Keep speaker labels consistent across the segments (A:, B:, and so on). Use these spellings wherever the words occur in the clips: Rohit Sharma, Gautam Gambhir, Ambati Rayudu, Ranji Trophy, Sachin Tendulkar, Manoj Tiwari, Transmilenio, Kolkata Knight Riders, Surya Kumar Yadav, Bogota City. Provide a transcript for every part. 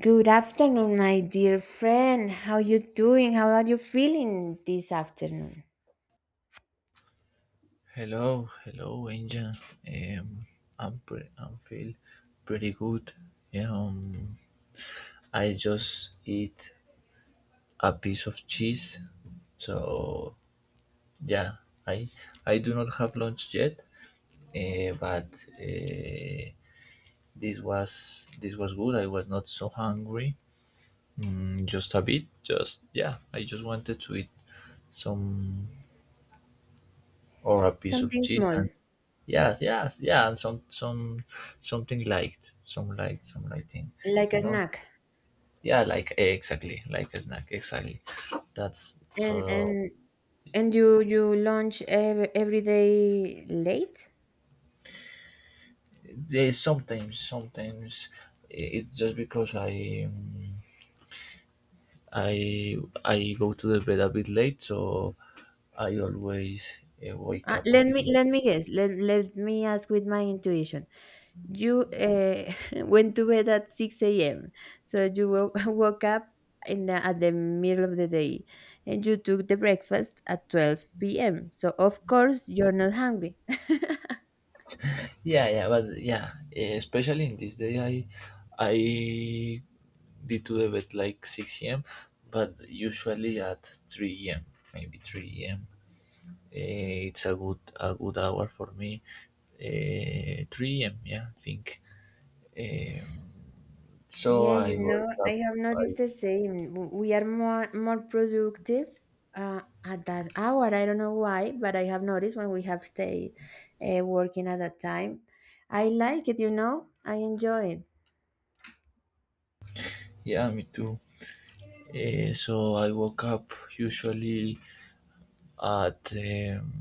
A: Good afternoon, my dear friend. How you doing? How are you feeling this afternoon?
B: Hello, hello, Angel. Um, I'm feel pretty good. Yeah, I just eat a piece of cheese. So yeah, I I do not have lunch yet, but uh, this was good. I was not so hungry. Just a bit. Just, yeah, I just wanted to eat some or a piece of
A: Something
B: cheese
A: small,
B: and yes, yes, yeah, and some something light, some light, some light thing,
A: like
B: you
A: a
B: know.
A: snack.
B: Yeah, like exactly, like a snack, exactly. That's
A: And
B: so.
A: and and you lunch every day late?
B: There's sometimes, it's just because I I go to the bed a bit late, so I always wake up a
A: Let
B: bit.
A: me guess. Let me ask with my intuition. You went to bed at six a.m. So you woke up in at the middle of the day, and you took the breakfast at 12 p.m. So of course you're not hungry.
B: Yeah, yeah, but yeah, especially in this day, I did to the bed like six a.m., but usually at three a.m., maybe three a.m. It's a good hour for me. Three a.m., yeah, I think. Um, so
A: Yeah, you
B: I
A: know,
B: wake
A: I
B: up.
A: have
B: I
A: noticed the same. We are more productive at that hour. I don't know why, but I have noticed when we have stayed working at that time. I like it, you know. I enjoy it.
B: Yeah, me too. So I woke up usually at,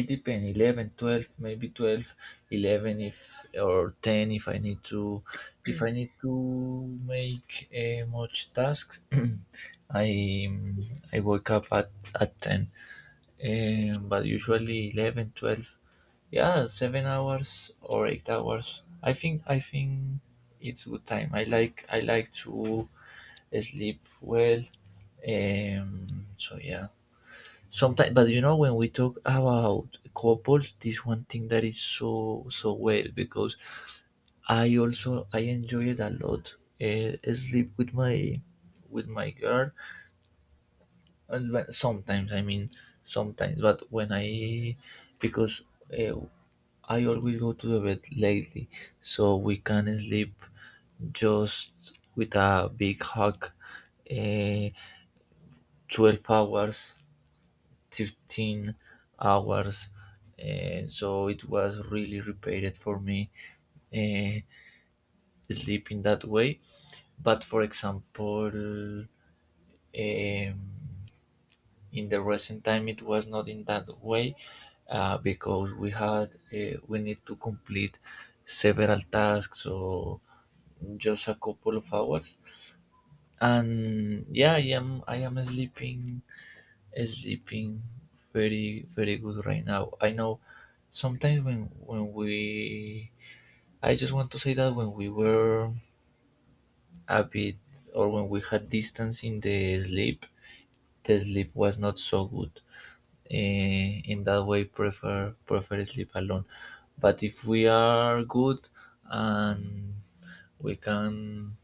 B: it depends. 11, 12, maybe 12, 11, if or 10 if I need to make much tasks. i I wake up at 10, but usually 11, 12. Yeah, 7 hours or 8 hours, I think it's good time. I like to sleep well. So yeah, sometimes, but you know, when we talk about couples, this one thing that is so so well because I also, I enjoy it a lot. Sleep with my girl. And when, sometimes I mean, sometimes, but when I, because, uh, I always go to the bed lately, so we can sleep just with a big hug, uh, 12 hours, 13 hours. And so it was really repaired for me, uh, sleep that way. But for example, um, in the recent time it was not in that way, because we had, we need to complete several tasks. So just a couple of hours, and yeah, I am sleeping. Is has very very good right now. I know sometimes when we, I just want to say that when we were a bit, or when we had distance in the sleep was not so good. In that way, prefer sleep alone. But if we are good and we can,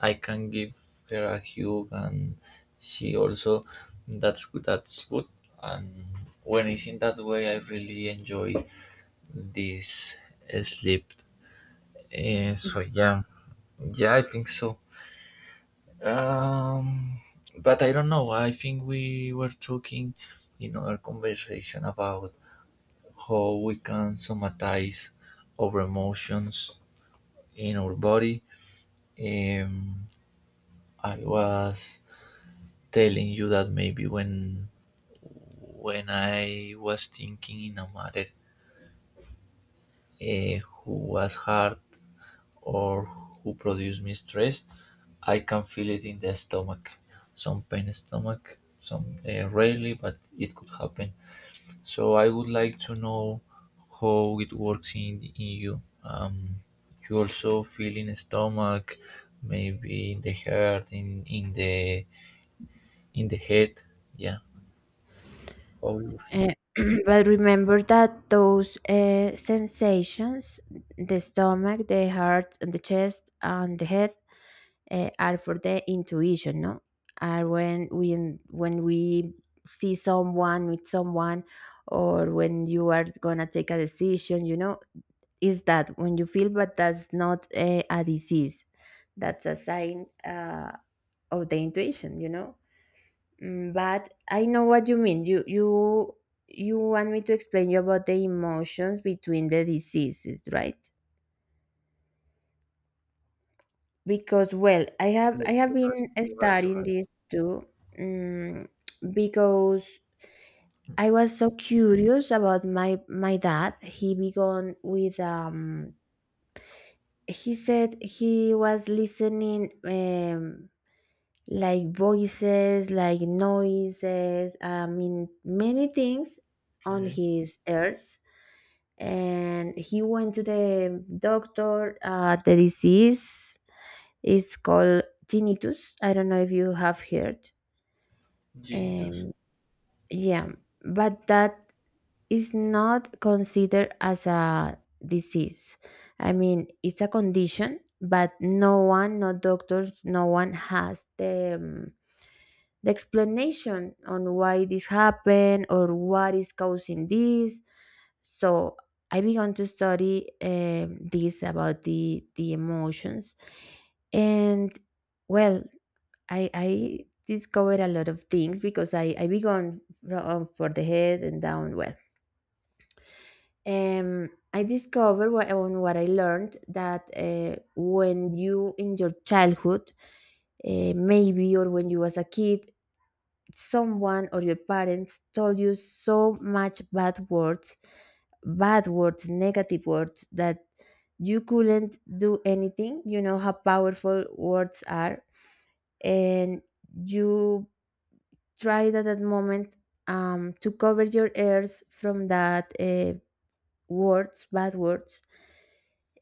B: I can give her a hug, and she also, that's good. That's good. And when it's in that way, I really enjoy this sleep. So yeah, yeah, I think so. Um, but I don't know, I think we were talking in our conversation about how we can somatize our emotions in our body. Um, I was telling you that maybe when, I was thinking in a matter who was hard or who produced me stress, I can feel it in the stomach. Some pain in stomach, some, rarely, but it could happen. So I would like to know how it works in you. You also feel in the stomach, maybe in the heart, in the head. Yeah, how it works in you.
A: Eh, but remember that those sensations, the stomach, the heart, and the chest, and the head, are for the intuition, no? Are when we see someone with someone, or when you are gonna take a decision, you know, is that when you feel, but that's not a disease. That's a sign of the intuition, you know. Mm, but I know what you mean. You you want me to explain you about the emotions between the diseases, right? Because well
B: Yeah,
A: I have
B: you're right.
A: been
B: You're right. You're
A: studying
B: right.
A: this too, um, because I was so curious about my dad. He began with he said he was listening, like voices, like noises, I mean many things on
B: Okay.
A: his ears. And he went to the doctor. The disease, it's called tinnitus. I don't know if you have heard.
B: Genitus.
A: Um, yeah, but that is not considered as a disease. I mean, it's a condition, but no one, no doctors, no one has the explanation on why this happened or what is causing this. So I began to study, this about the emotions. And well, I discovered a lot of things because I began from for the head and down. Well, I discovered what I learned, that when you in your childhood, maybe, or when you was a kid, someone or your parents told you so much bad words, negative words that you couldn't do anything. You know how powerful words are, and you try it at that moment, to cover your ears from that, words, bad words.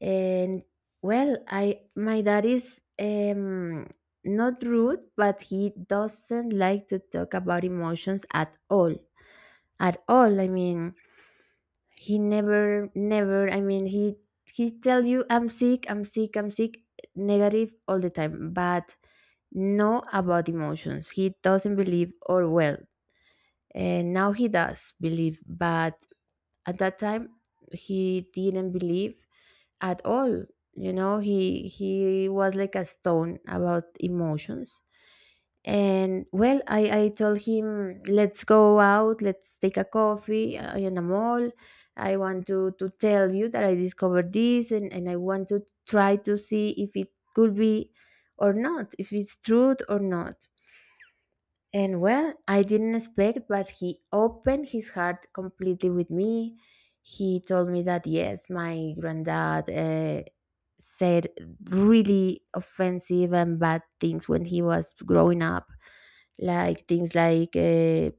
A: And well, I, my dad is, not rude, but he doesn't like to talk about emotions at all. At all, I mean, he never, never. I mean, he tell you, "I'm sick, I'm sick, I'm sick," negative all the time, but no about emotions. He doesn't believe, or well, and now he does believe, but at that time he didn't believe at all. You know, he was like a stone about emotions. And well, I told him, let's go out, let's take a coffee in a mall. I want to tell you that I discovered this, and I want to try to see if it could be or not, if it's truth or not. And well, I didn't expect, but he opened his heart completely with me. He told me that yes, my granddad, said really offensive and bad things when he was growing up, like things like,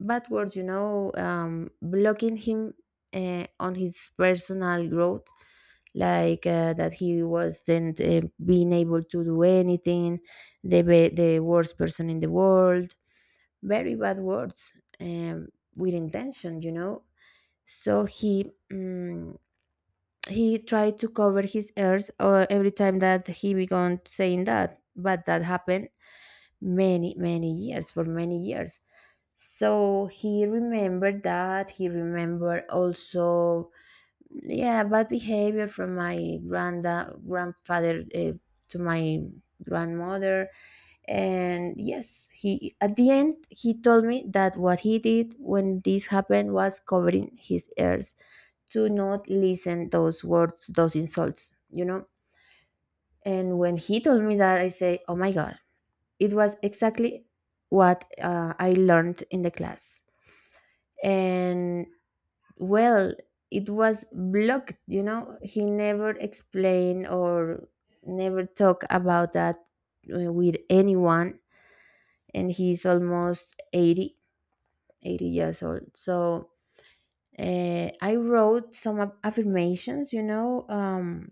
A: bad words, you know, blocking him, on his personal growth, like that he wasn't, being able to do anything, the worst person in the world, very bad words, um, with intention, you know. So he, he tried to cover his ears, every time that he began saying that, but that happened many many years for many years. So he remembered that. He remembered also, yeah, bad behavior from my granda grandfather, to my grandmother. And yes, he at the end he told me that what he did when this happened was covering his ears to not listen those words, those insults, you know. And when he told me that, I say, oh my god, it was exactly what, I learned in the class. And well, it was blocked, you know. He never explained or never talked about that, with anyone, and he's almost 80 years old. So, I wrote some affirmations, you know,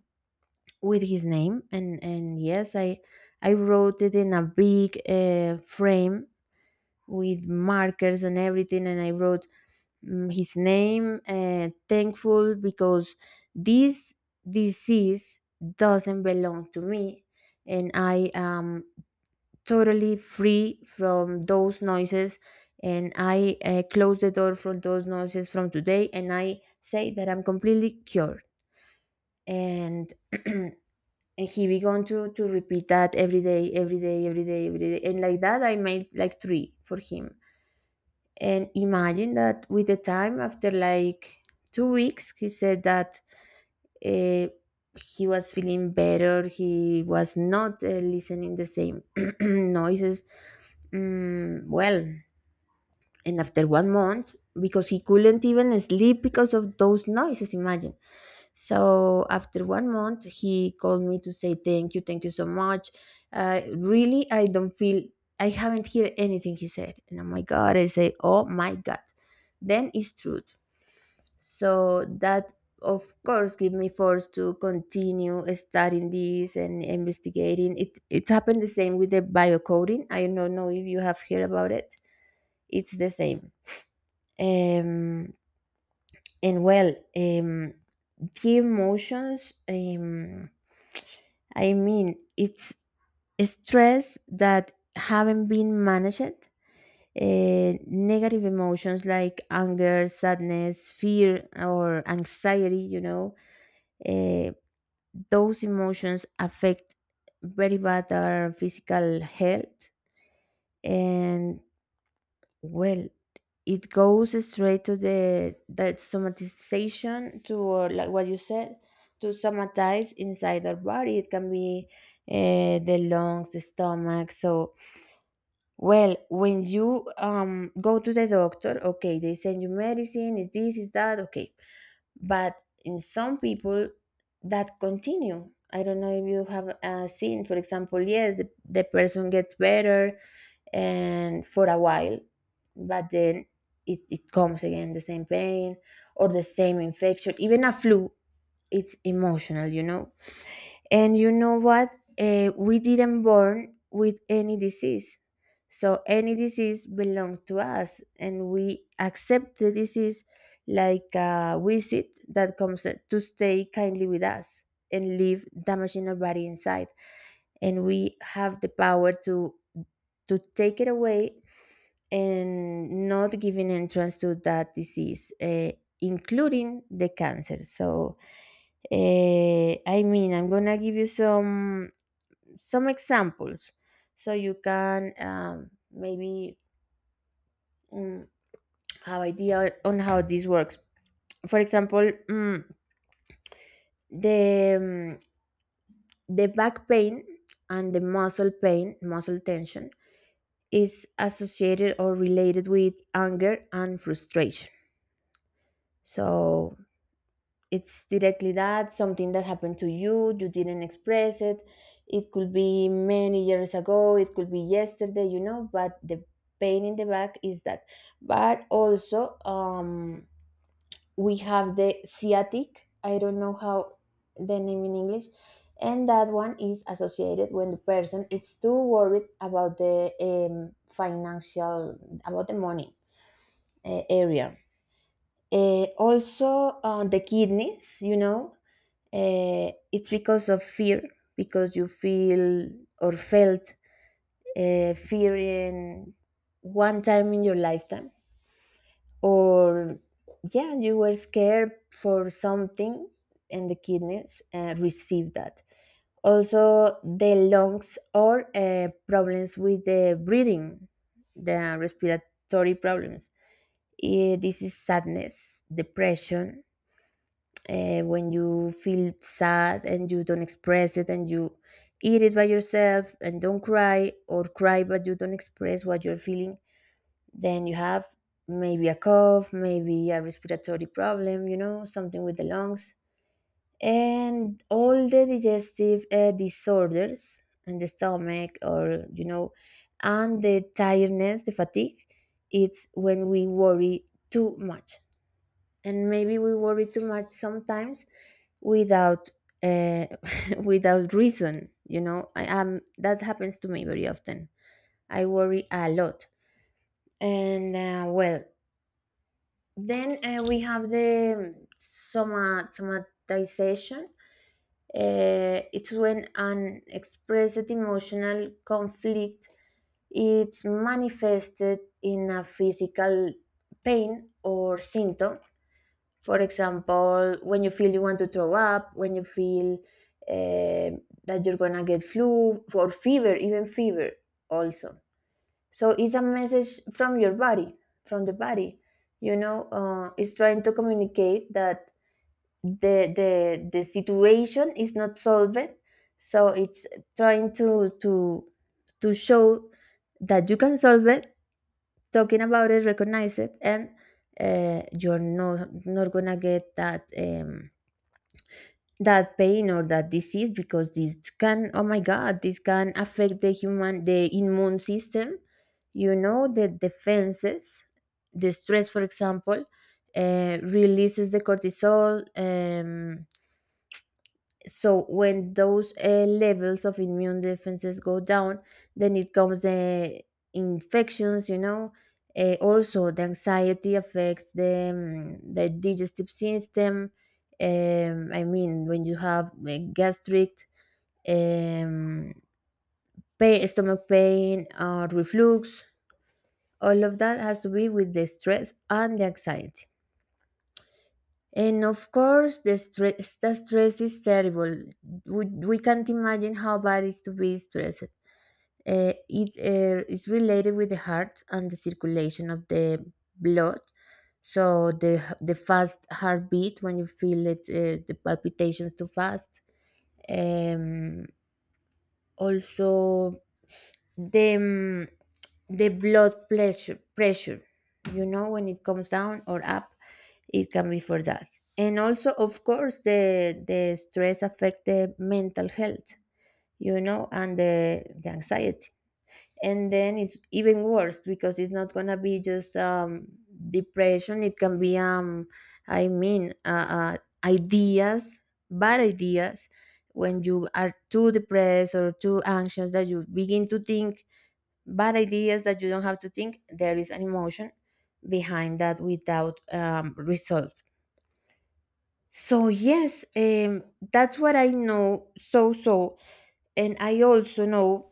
A: with his name, and yes, I wrote it in a big, frame with markers and everything, and I wrote, mm, his name, thankful because this disease doesn't belong to me, and I am totally free from those noises, and I, close the door from those noises from today, and I say that I'm completely cured. And and he began to repeat that every day, and like that I made like three for him. And imagine that with the time, after like 2 weeks, he said that, uh, he was feeling better. He was not, listening the same noises. Mm, well, and after one month, because he couldn't even sleep because of those noises, imagine. So after one month, he called me to say thank you so much. Really, I don't feel, I haven't heard anything, he said. And oh my God, I say, oh my God. Then it's truth. So that, of course, give me force to continue studying this and investigating. It happened the same with the biocoding. I don't know if you have heard about it. It's the same. Um, and well, um, the emotions, I mean, it's stress that haven't been managed. Negative emotions like anger, sadness, fear, or anxiety, you know, uh, those emotions affect very bad our physical health. And well, it goes straight to the that somatization, to, like what you said, to somatize inside our body. It can be, the lungs, the stomach. So, well, when you go to the doctor, okay, they send you medicine. Is this? Is that? Okay, but in some people that continue, I don't know if you have, seen. For example, yes, the person gets better and for a while, but then it comes again the same pain or the same infection, even a flu. It's emotional, you know. And you know what? Eh, we didn't born with any disease. So any disease belongs to us and we accept the disease like a visit that comes to stay kindly with us and leave damaging our body inside. And we have the power to take it away and not giving entrance to that disease, eh, including the cancer. So, eh, I mean, I'm gonna give you some examples so you can, maybe, mm, have idea on how this works. For example, mm, the mm, the back pain and the muscle pain, muscle tension, is associated or related with anger and frustration. So it's directly that something that happened to you, you didn't express it. It could be many years ago, it could be yesterday, you know, but the pain in the back is that. But also, we have the sciatic, I don't know how the name in English, and that one is associated when the person is too worried about the, financial, about the money, area. Also, the kidneys, you know, it's because of fear, because you feel or felt, fear in one time in your lifetime, or yeah, you were scared for something, and the kidneys, receive that. Also the lungs or, problems with the breathing, the respiratory problems. Eh, this is sadness, depression, when you feel sad and you don't express it, and you eat it by yourself and don't cry, or cry but you don't express what you're feeling, then you have maybe a cough, maybe a respiratory problem, you know, something with the lungs. And all the digestive, disorders and the stomach, or you know. And the tiredness, the fatigue, it's when we worry too much. And maybe we worry too much sometimes without, uh, without reason, you know. I am, that happens to me very often, I worry a lot. And, well, then, we have the somatization, it's when an expressed emotional conflict is manifested in a physical pain or symptom. For example, when you feel you want to throw up, when you feel, eh, that you're gonna get flu or fever, even fever also. So it's a message from your body, from the body. You know, it's trying to communicate that the situation is not solved, so it's trying to to show that you can solve it, talking about it, recognize it, and, you're not gonna get that, that pain or that disease, because this can, oh my god, this can affect the immune system. You know the defenses, the stress, for example, releases the cortisol. So when those levels of immune defenses go down, then it comes the infections. Also, the anxiety affects the digestive system. I mean when you have gastric um, pain, stomach pain, or reflux, all of that has to be with the stress and the anxiety. And of course, the stress is terrible. We can't imagine how bad it is to be stressed. It is related with the heart and the circulation of the blood. So the fast heartbeat when you feel it, the palpitations too fast. Um, Also, the the blood pressure, you know, when it comes down or up, it can be for that. And also, of course, the stress affect the mental health, and the anxiety, and then it's even worse because it's not gonna be just depression. It can be i mean uh, uh, ideas, bad ideas, when you are too depressed or too anxious that you begin to think bad ideas that you don't have to think. There is an emotion behind that without resolve. So yes, that's what I know. And I also know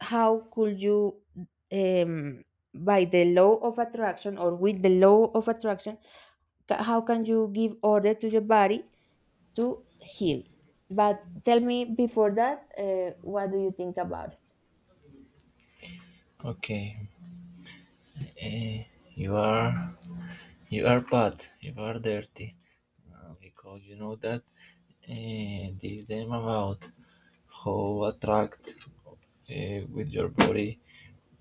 A: how could you, um, by the law of attraction or with the law of attraction, how can you give order to your body to heal. But tell me before that, what do you think about it?
B: Okay. Eh, you are, bad. You are dirty. Because you know that, this them about how attract with your body.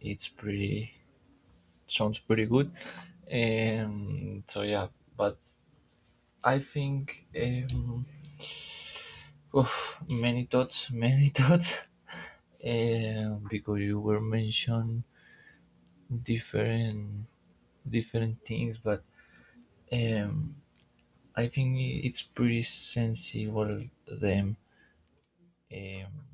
B: It's pretty Sounds pretty good. So yeah, but I think, oof, many thoughts, many thoughts, because you were mentioned different different things. But um, I think it's pretty sensible them. Um,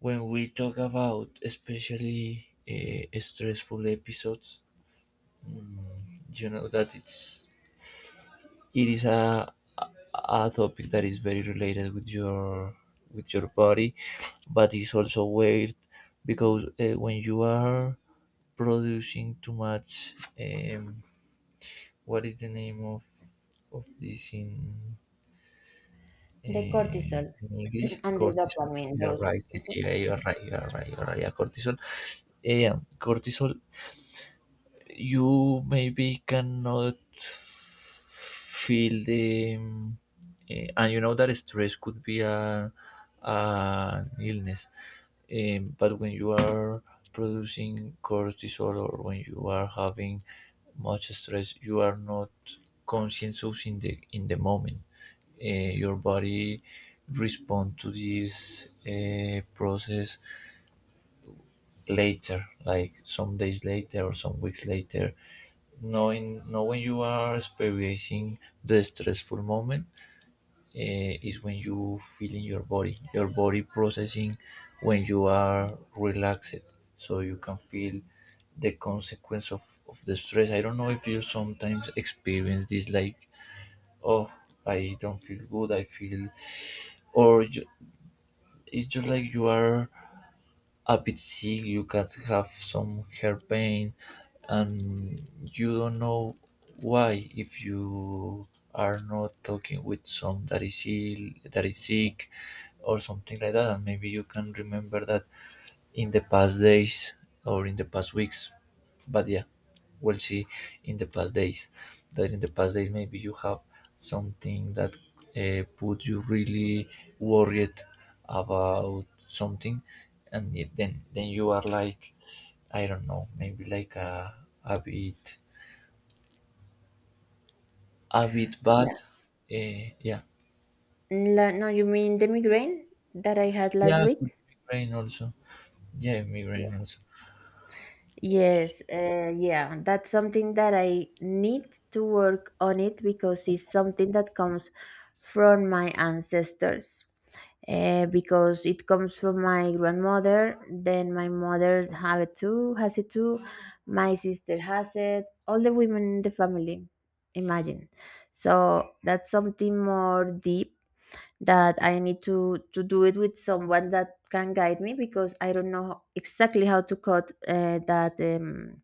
B: when we talk about, especially, stressful episodes, mm, you know that it is a topic that is very related with your, body. But it's also weird because, when you are producing too much, um, what is the name of this
A: The cortisol
B: in English,
A: and the
B: cortisol.
A: dopamine,
B: You are
A: those.
B: right.
A: Mhm.
B: Yeah, you are right. You are right. You are right. Yeah, cortisol. Yeah, cortisol, you maybe cannot feel the, and you know that stress could be a an illness. But when you are producing cortisol, or when you are having much stress, you are not conscious in the, moment. Your body respond to this, process later, like some days later or some weeks later. Knowing you are experiencing the stressful moment, is when you feel in your body processing when you are relaxed. So you can feel the consequence of the stress. I don't know if you sometimes experience this, like, oh, I don't feel good, I feel, or ju- it's just like you are a bit sick. You can have some hair pain, and you don't know why, if you are not talking with some that is ill, that is sick, or something like that. And maybe you can remember that in the past days or in the past weeks. But yeah, we'll see, in the past days, maybe you have something that, put you really worried about something. Then, you are like, I don't know, maybe like a bit a bit bad.
A: Yeah.
B: uh, yeah,
A: No, you mean the migraine that I had last
B: yeah, could
A: week?
B: be migraine also. Yeah,
A: Yeah.
B: migraine also.
A: Yes, yeah, that's something that I need to work on it because it's something that comes from my ancestors. Because it comes from my grandmother. Then my mother have it too, has it too. My sister has it. All the women in the family, imagine. So that's something more deep that I need to do it with someone that can guide me because I don't know exactly how to cut that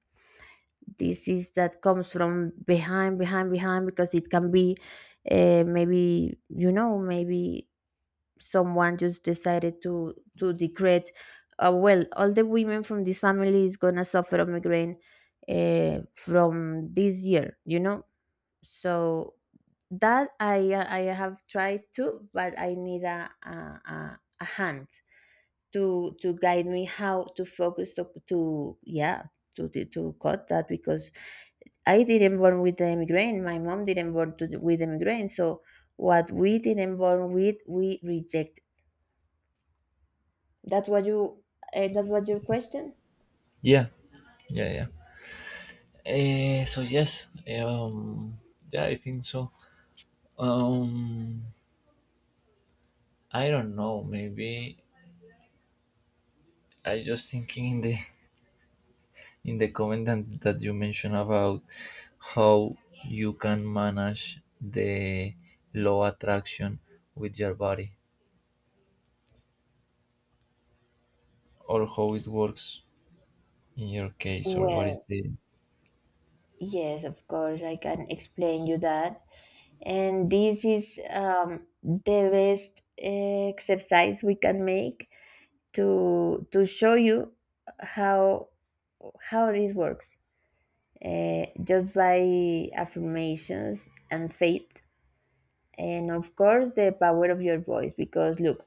A: disease that comes from behind, behind, behind, because it can be, maybe, you know, maybe someone just decided to decrete, well, all the women from this family is gonna suffer a migraine from this year, you know. So that I have tried to, but I need a hand to guide me how to focus to, yeah, to cut that, because I didn't born with the migraine, my mom didn't born with the migraine. So what we didn't born with, we rejected. That's what you. That's what your question.
B: Yeah, yeah, yeah. So yes, um, yeah, I think so. Um, I don't know, maybe I just thinking in the, comment that you mentioned about how you can manage the law attraction with your body, or how it works in your case, or what is
A: Well,
B: the.
A: yes, of course, I can explain you that. And this is the best exercise we can make to show you how how this works. Just by affirmations and faith, and of course the power of your voice. Because look,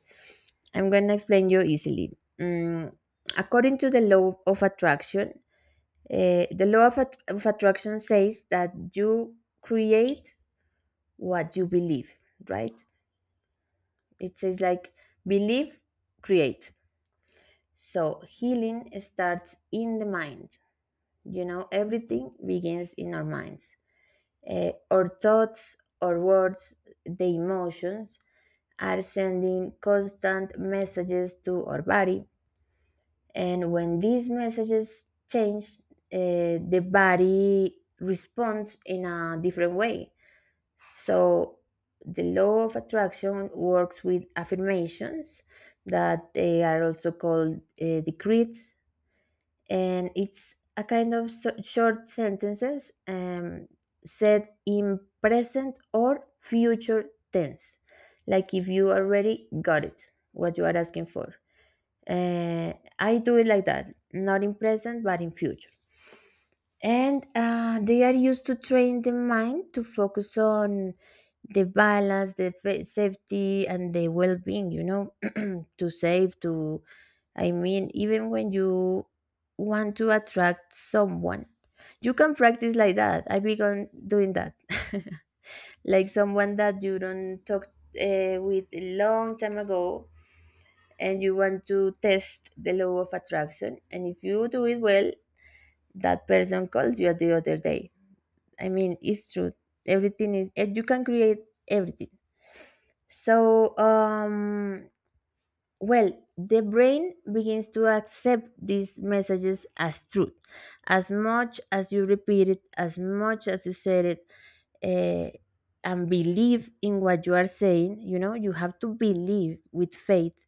A: I'm gonna explain you easily. Mm, according to the law of attraction, the law of attraction says that you create what you believe, right? It says like believe, create. So healing starts in the mind. You know, everything begins in our minds. Our thoughts, our words, the emotions are sending constant messages to our body. And when these messages change, the body responds in a different way. So the law of attraction works with affirmations that they are also called decrees, and it's a kind of short sentences said in present or future tense, like if you already got it, what you are asking for. Uh, I do it like that, not in present but in future, and they are used to train the mind to focus on the balance, the safety, and the well-being. to save to I mean, even when you want to attract someone, you can practice like that. I began doing that like someone that you don't talk with a long time ago, and you want to test the law of attraction, and if you do it well, that person calls you the other day. I mean, it's true. Everything is, and you can create everything. So, well, the brain begins to accept these messages as truth. As much as you repeat it, as much as you said it, uh, and believe in what you are saying, you know, you have to believe with faith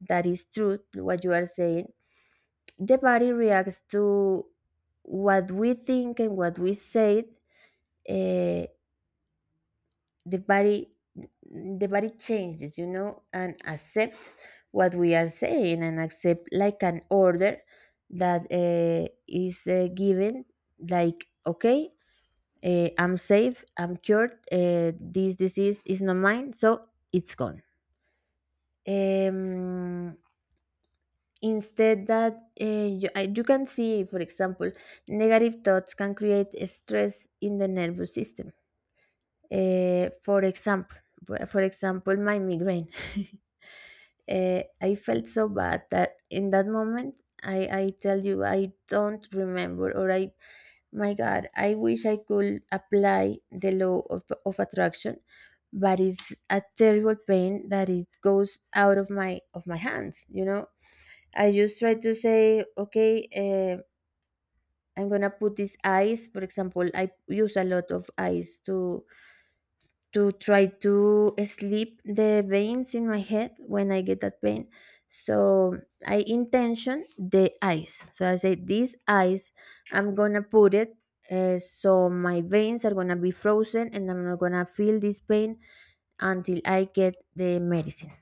A: that is truth what you are saying. The body reacts to what we think and what we say. Uh, the body the body changes, you know, and accept what we are saying and accept like an order that is given, like, okay, I'm safe, I'm cured, this disease is not mine, so it's gone. um, Instead that, you can see, for example, negative thoughts can create stress in the nervous system. Uh, for example, for example, my migraine. I felt so bad that in that moment, I tell you, I don't remember, or I, my God, I wish I could apply the law of attraction, but it's a terrible pain that it goes out of my hands. You know, I just try to say, okay, I'm gonna put this ice. For example, I use a lot of ice to try to sleep the veins in my head when I get that pain. So I intention the eyes. So I say these eyes, I'm gonna put it. So my veins are gonna be frozen, and I'm not gonna feel this pain until I get the medicine.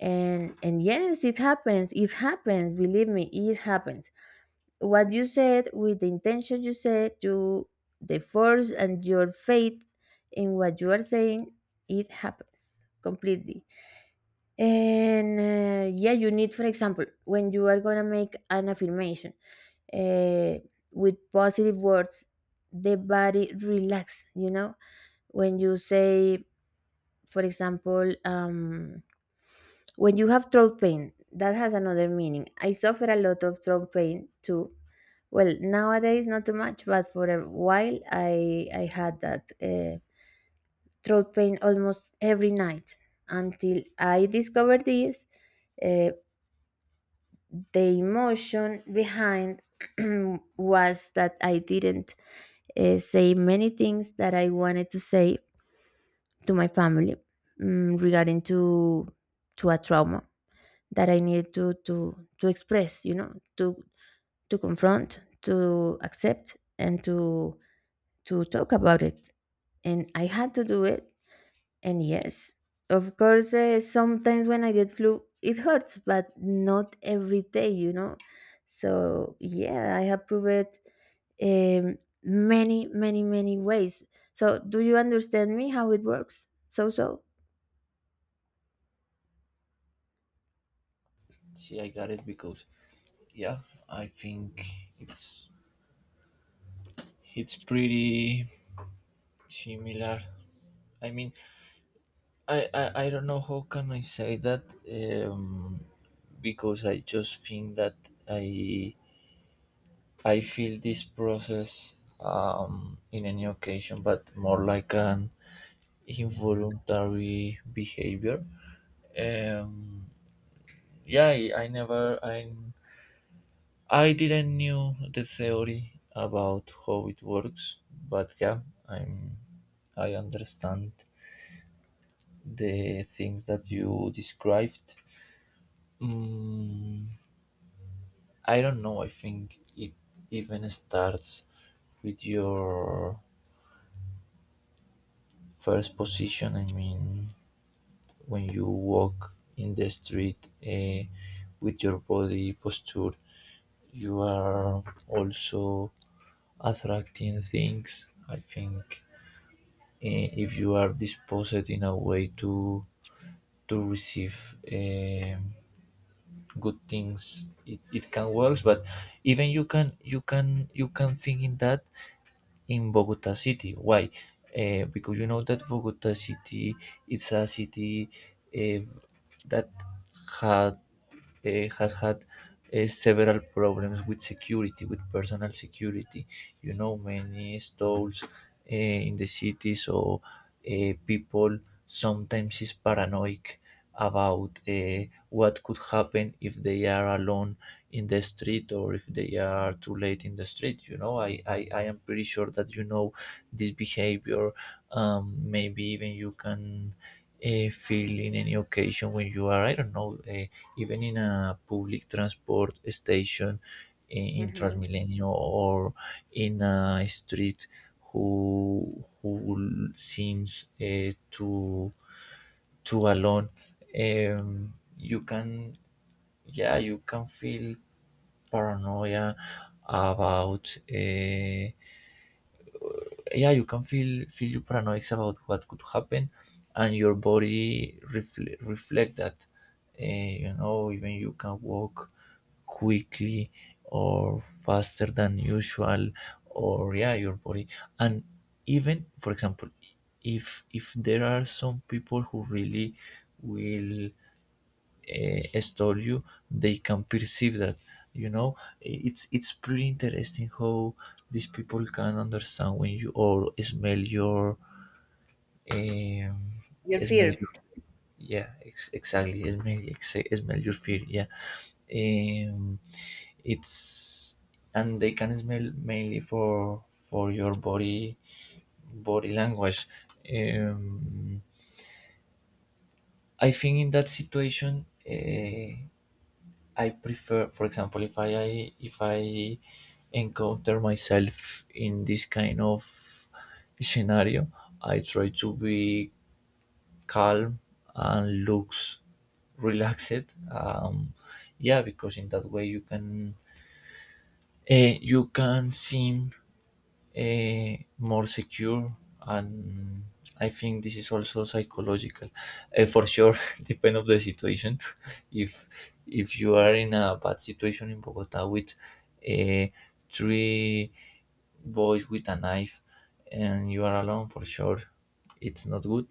A: And yes, it happens. It happens. Believe me, it happens what you said with the intention you said you the force and your faith in what you are saying. It happens completely. And yeah, you need, for example, when you are gonna make an affirmation uh, with positive words, the body relax, you know. When you say, for example, when you have throat pain, that has another meaning. I suffer a lot of throat pain too. Well, nowadays not too much, but for a while I had that throat pain almost every night until I discovered this. Uh, the emotion behind was that I didn't say many things that I wanted to say to my family, mm, regarding to a trauma that I needed to express, you know, to confront, to accept, and to talk about it. And I had to do it. And yes, of course, sometimes when I get flu, it hurts, but not every day, you know. So yeah, I have proved um, many, many, many ways. So do you understand me how it works?
B: See, I got it because, yeah, I think it's, pretty similar. I mean, I don't know how can I say that. um, because I just think that I I feel this process, in any occasion, but more like an involuntary behavior. Um, yeah, I never, I didn't knew the theory about how it works, but yeah, I'm, I understand the things that you described. Mm, I don't know. I think it even starts with your first position. I mean, when you walk in the street, with your body posture, you are also attracting things, I think. If you are disposed in a way to, receive, good things, it, can work. But even you can, think in that, in Bogota City. Why? Because you know that Bogota City is a city, uh, that had has had, several problems with security, with personal security. You know, many stalls, in the city. So, people sometimes is paranoid about, what could happen if they are alone in the street, or if they are too late in the street. You know, I am pretty sure that you know this behavior. Maybe even you can, feel in any occasion when you are, I don't know, even in a public transport station in
A: Hmm.
B: Transmilenio, or in a street who, seems, too, alone. You can, yeah, you can feel paranoia about, yeah, you can feel your paranoid about what could happen. And your body reflect that. You know, even you can walk quickly or faster than usual, or yeah, your body. And even, for example, if there are some people who really will, story you, they can perceive that. You know, it's, pretty interesting how these people can understand when you, or smell your, um, smell your, yeah, exactly, smell, smell your fear. Yeah, um, it's, and they can smell mainly for your, body language. um, I think, in that situation, I prefer, for example, if I, encounter myself in this kind of scenario, I try to be calm and looks relaxed. Yeah, because in that way you can, you can seem, more secure. And I think this is also psychological. For sure, depend of the situation. If, you are in a bad situation in Bogota with, eh, three boys with a knife and you are alone, for sure it's not good.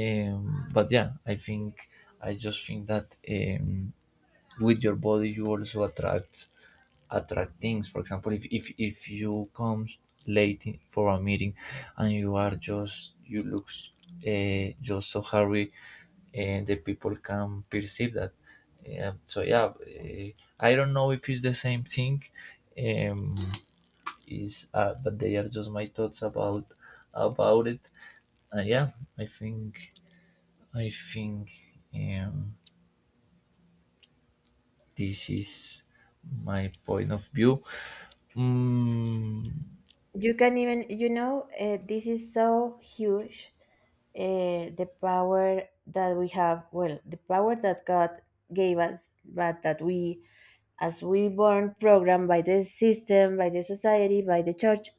B: But yeah, I think, I just think that, with your body you also attract, things. For example, if you come late, for a meeting, and you are just, you look, just so hurry, and the people can perceive that. Yeah, so yeah, uh, I don't know if it's the same thing. Um is But they are just my thoughts about it. And yeah, i think I think, um this is my point of view. Mm,
A: You can even, you know, this is so huge, the power that we have, well, the power that God gave us but that we, as we born programmed by the system, by the society, by the church,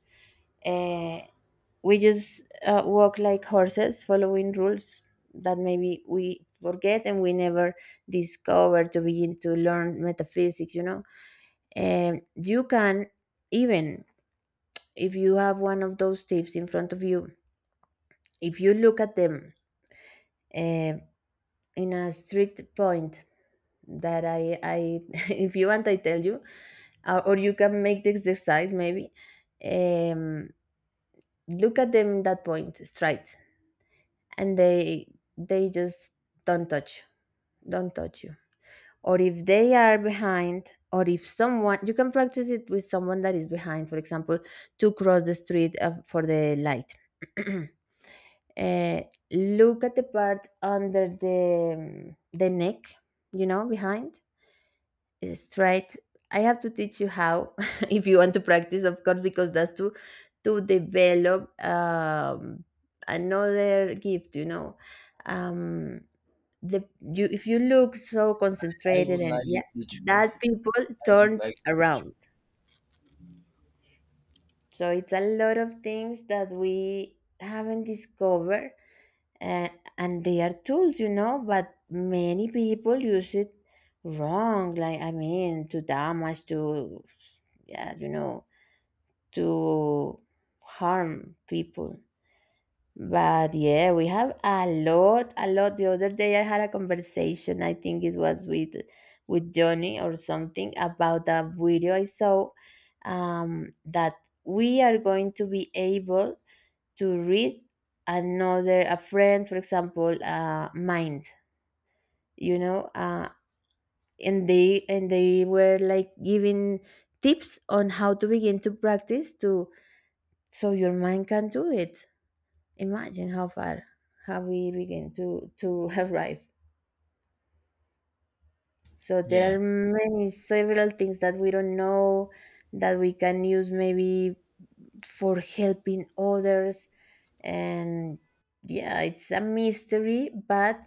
A: uh, we just walk like horses following rules that maybe we forget and we never discover to begin to learn metaphysics, you know. You can even, if you have one of those thieves in front of you, if you look at them uh, in a strict point, that I if you want, I tell you, or you can make the exercise maybe. Um, Look at them in that point, straight, and they just don't touch, don't touch you. Or if they are behind, or if someone, you can practice it with someone that is behind, for example, to cross the street for the light. uh, Look at the part under the neck, you know, behind. It's straight. I have to teach you how if you want to practice, of course, because that's to develop another gift, you know. um the you, if you look so
B: I
A: concentrated,
B: would
A: and
B: like
A: yeah,
B: you teach me.
A: that people
B: I would
A: turn
B: like. To,
A: around. So it's a lot of things that we haven't discovered, uh, and they are tools, you know, but many people use it wrong, like, I mean, to damage to, yeah, you know, to harm people. But yeah, we have a lot, a lot. The other day I had a conversation, I think it was with Johnny or something, about a video I saw that we are going to be able to read another a friend, for example, mind, you know, and they were like giving tips on how to begin to practice to so your mind can do it. Imagine how far have we begun to arrive. So there
B: yeah,
A: are many several things that we don't know that we can use maybe for helping others, and yeah, it's a mystery, but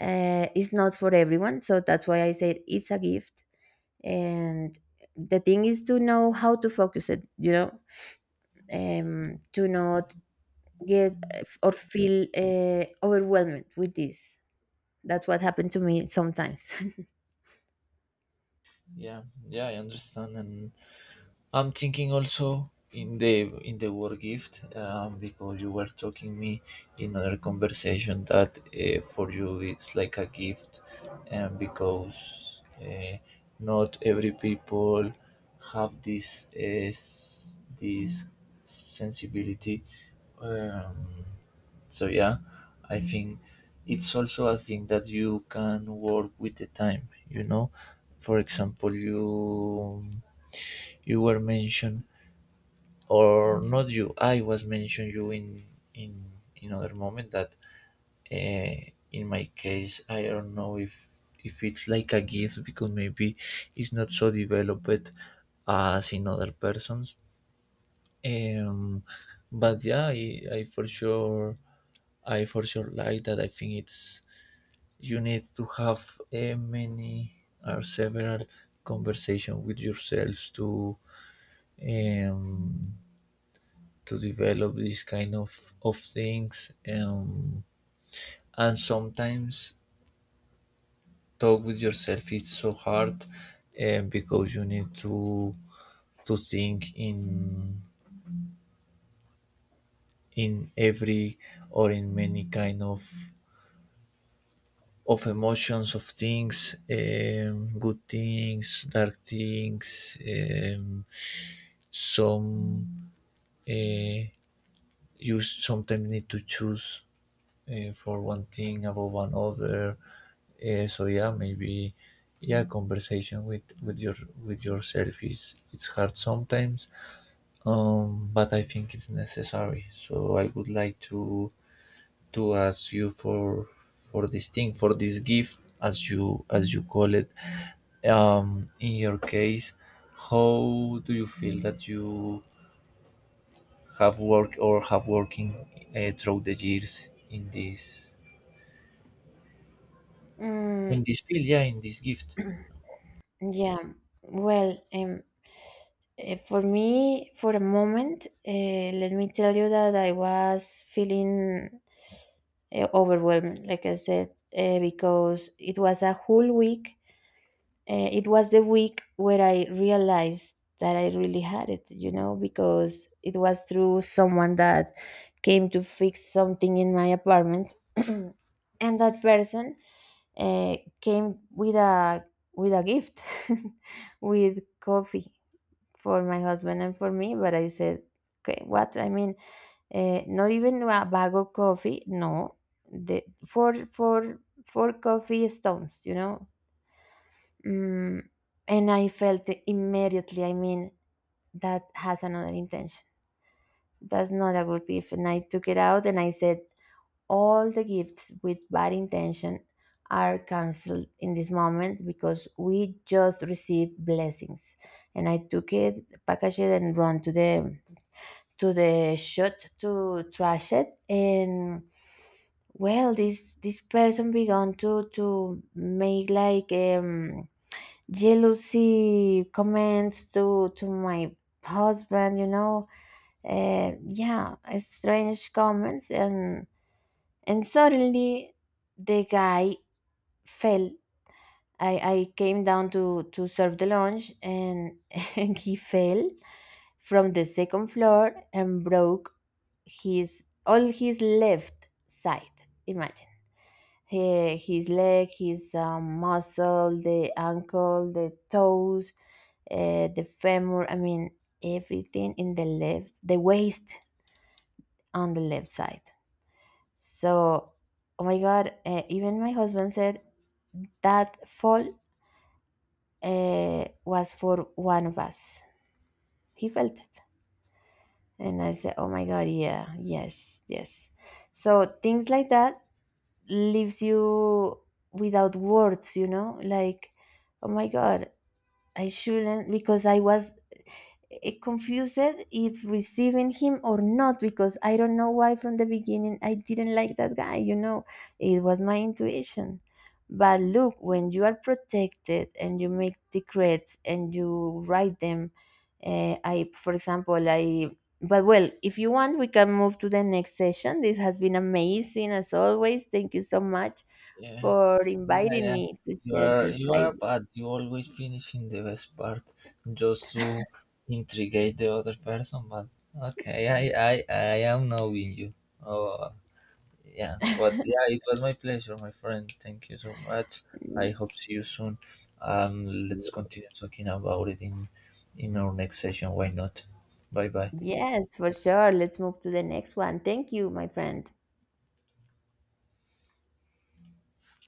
A: it's not for everyone. So that's why I said it's a gift. And the thing is to know how to focus it, you know, to not get or feel overwhelmed with this. That's what happened to me sometimes.
B: yeah, yeah. I understand, and I'm thinking also in the, war gift, because you were talking me in other conversation that, for you it's like a gift. And because, not every people have this, this sensibility. Um, so yeah, I think it's also a thing that you can work with the time. You know, for example, you were mentioned, or not you, I was mentioned you in another moment that, uh, in my case I don't know if, it's like a gift, because maybe it's not so developed as in other persons. um but yeah, I for sure like that. I think it's, you need to have a many or several conversation with yourselves to, um to develop these kind of, things. And sometimes talk with yourself is so hard, because you need to think in every or in many kind of emotions, of things, good things, dark things, some uh, you sometimes need to choose, for one thing about one other. So yeah, maybe, yeah, conversation with your, with yourself is it's hard sometimes, but I think it's necessary. So I would like to ask you for this thing, for this gift, as you call it. In your case, how do you feel that you have worked or have working, through the years in this,
A: Mm,
B: field? Yeah, in this gift.
A: yeah. Well, for me, for a moment, let me tell you that I was feeling overwhelmed, like I said, because it was a whole week. It was the week where I realized that I really had it, you know, because it was through someone that came to fix something in my apartment. And that person came with a gift with coffee for my husband and for me. But I said, okay, what I mean, not even a bag of coffee, no, the four four coffee stones, you know. Mm, and I felt it immediately. I mean, that has another intention. That's not a good gift. And I took it out, and I said, all the gifts with bad intention are cancelled in this moment because we just received blessings. And I took it, packaged it, and run to the shop to trash it. And well, this person began to make like, jealousy comments to my husband, you know. Yeah, strange comments. And suddenly the guy fell. I came down to serve the lunch, and and he fell from the second floor and broke his all his left side, imagine. He, his leg, his muscle, the ankle, the toes, the femur. I mean, everything in the left, the waist on the left side. So, oh my God, even my husband said that fall was for one of us. He felt it. And I said, oh my God, yeah, yes, yes. So things like that leaves you without words, you know. Like, oh my God, I shouldn't, because I was, confused if receiving him or not, because I don't know why from the beginning I didn't like that guy. You know, it was my intuition. But look, when you are protected and you make decrees and you write them, for example, I. But well, if you want, we can move to the next session. This has been amazing as always. Thank you so much
B: Yeah,
A: for
B: yeah,
A: inviting
B: yeah.
A: me to share this
B: You are but you always finish in the best part, just to intrigate the other person. But okay, I am knowing you. Oh, yeah. But yeah, it was my pleasure, my friend. Thank you so much. I
A: idea.
B: hope see you soon. um let's continue talking about it in, our next session. Why not. Bye bye.
A: Yes, for sure. Let's move to the next one. Thank you, my friend.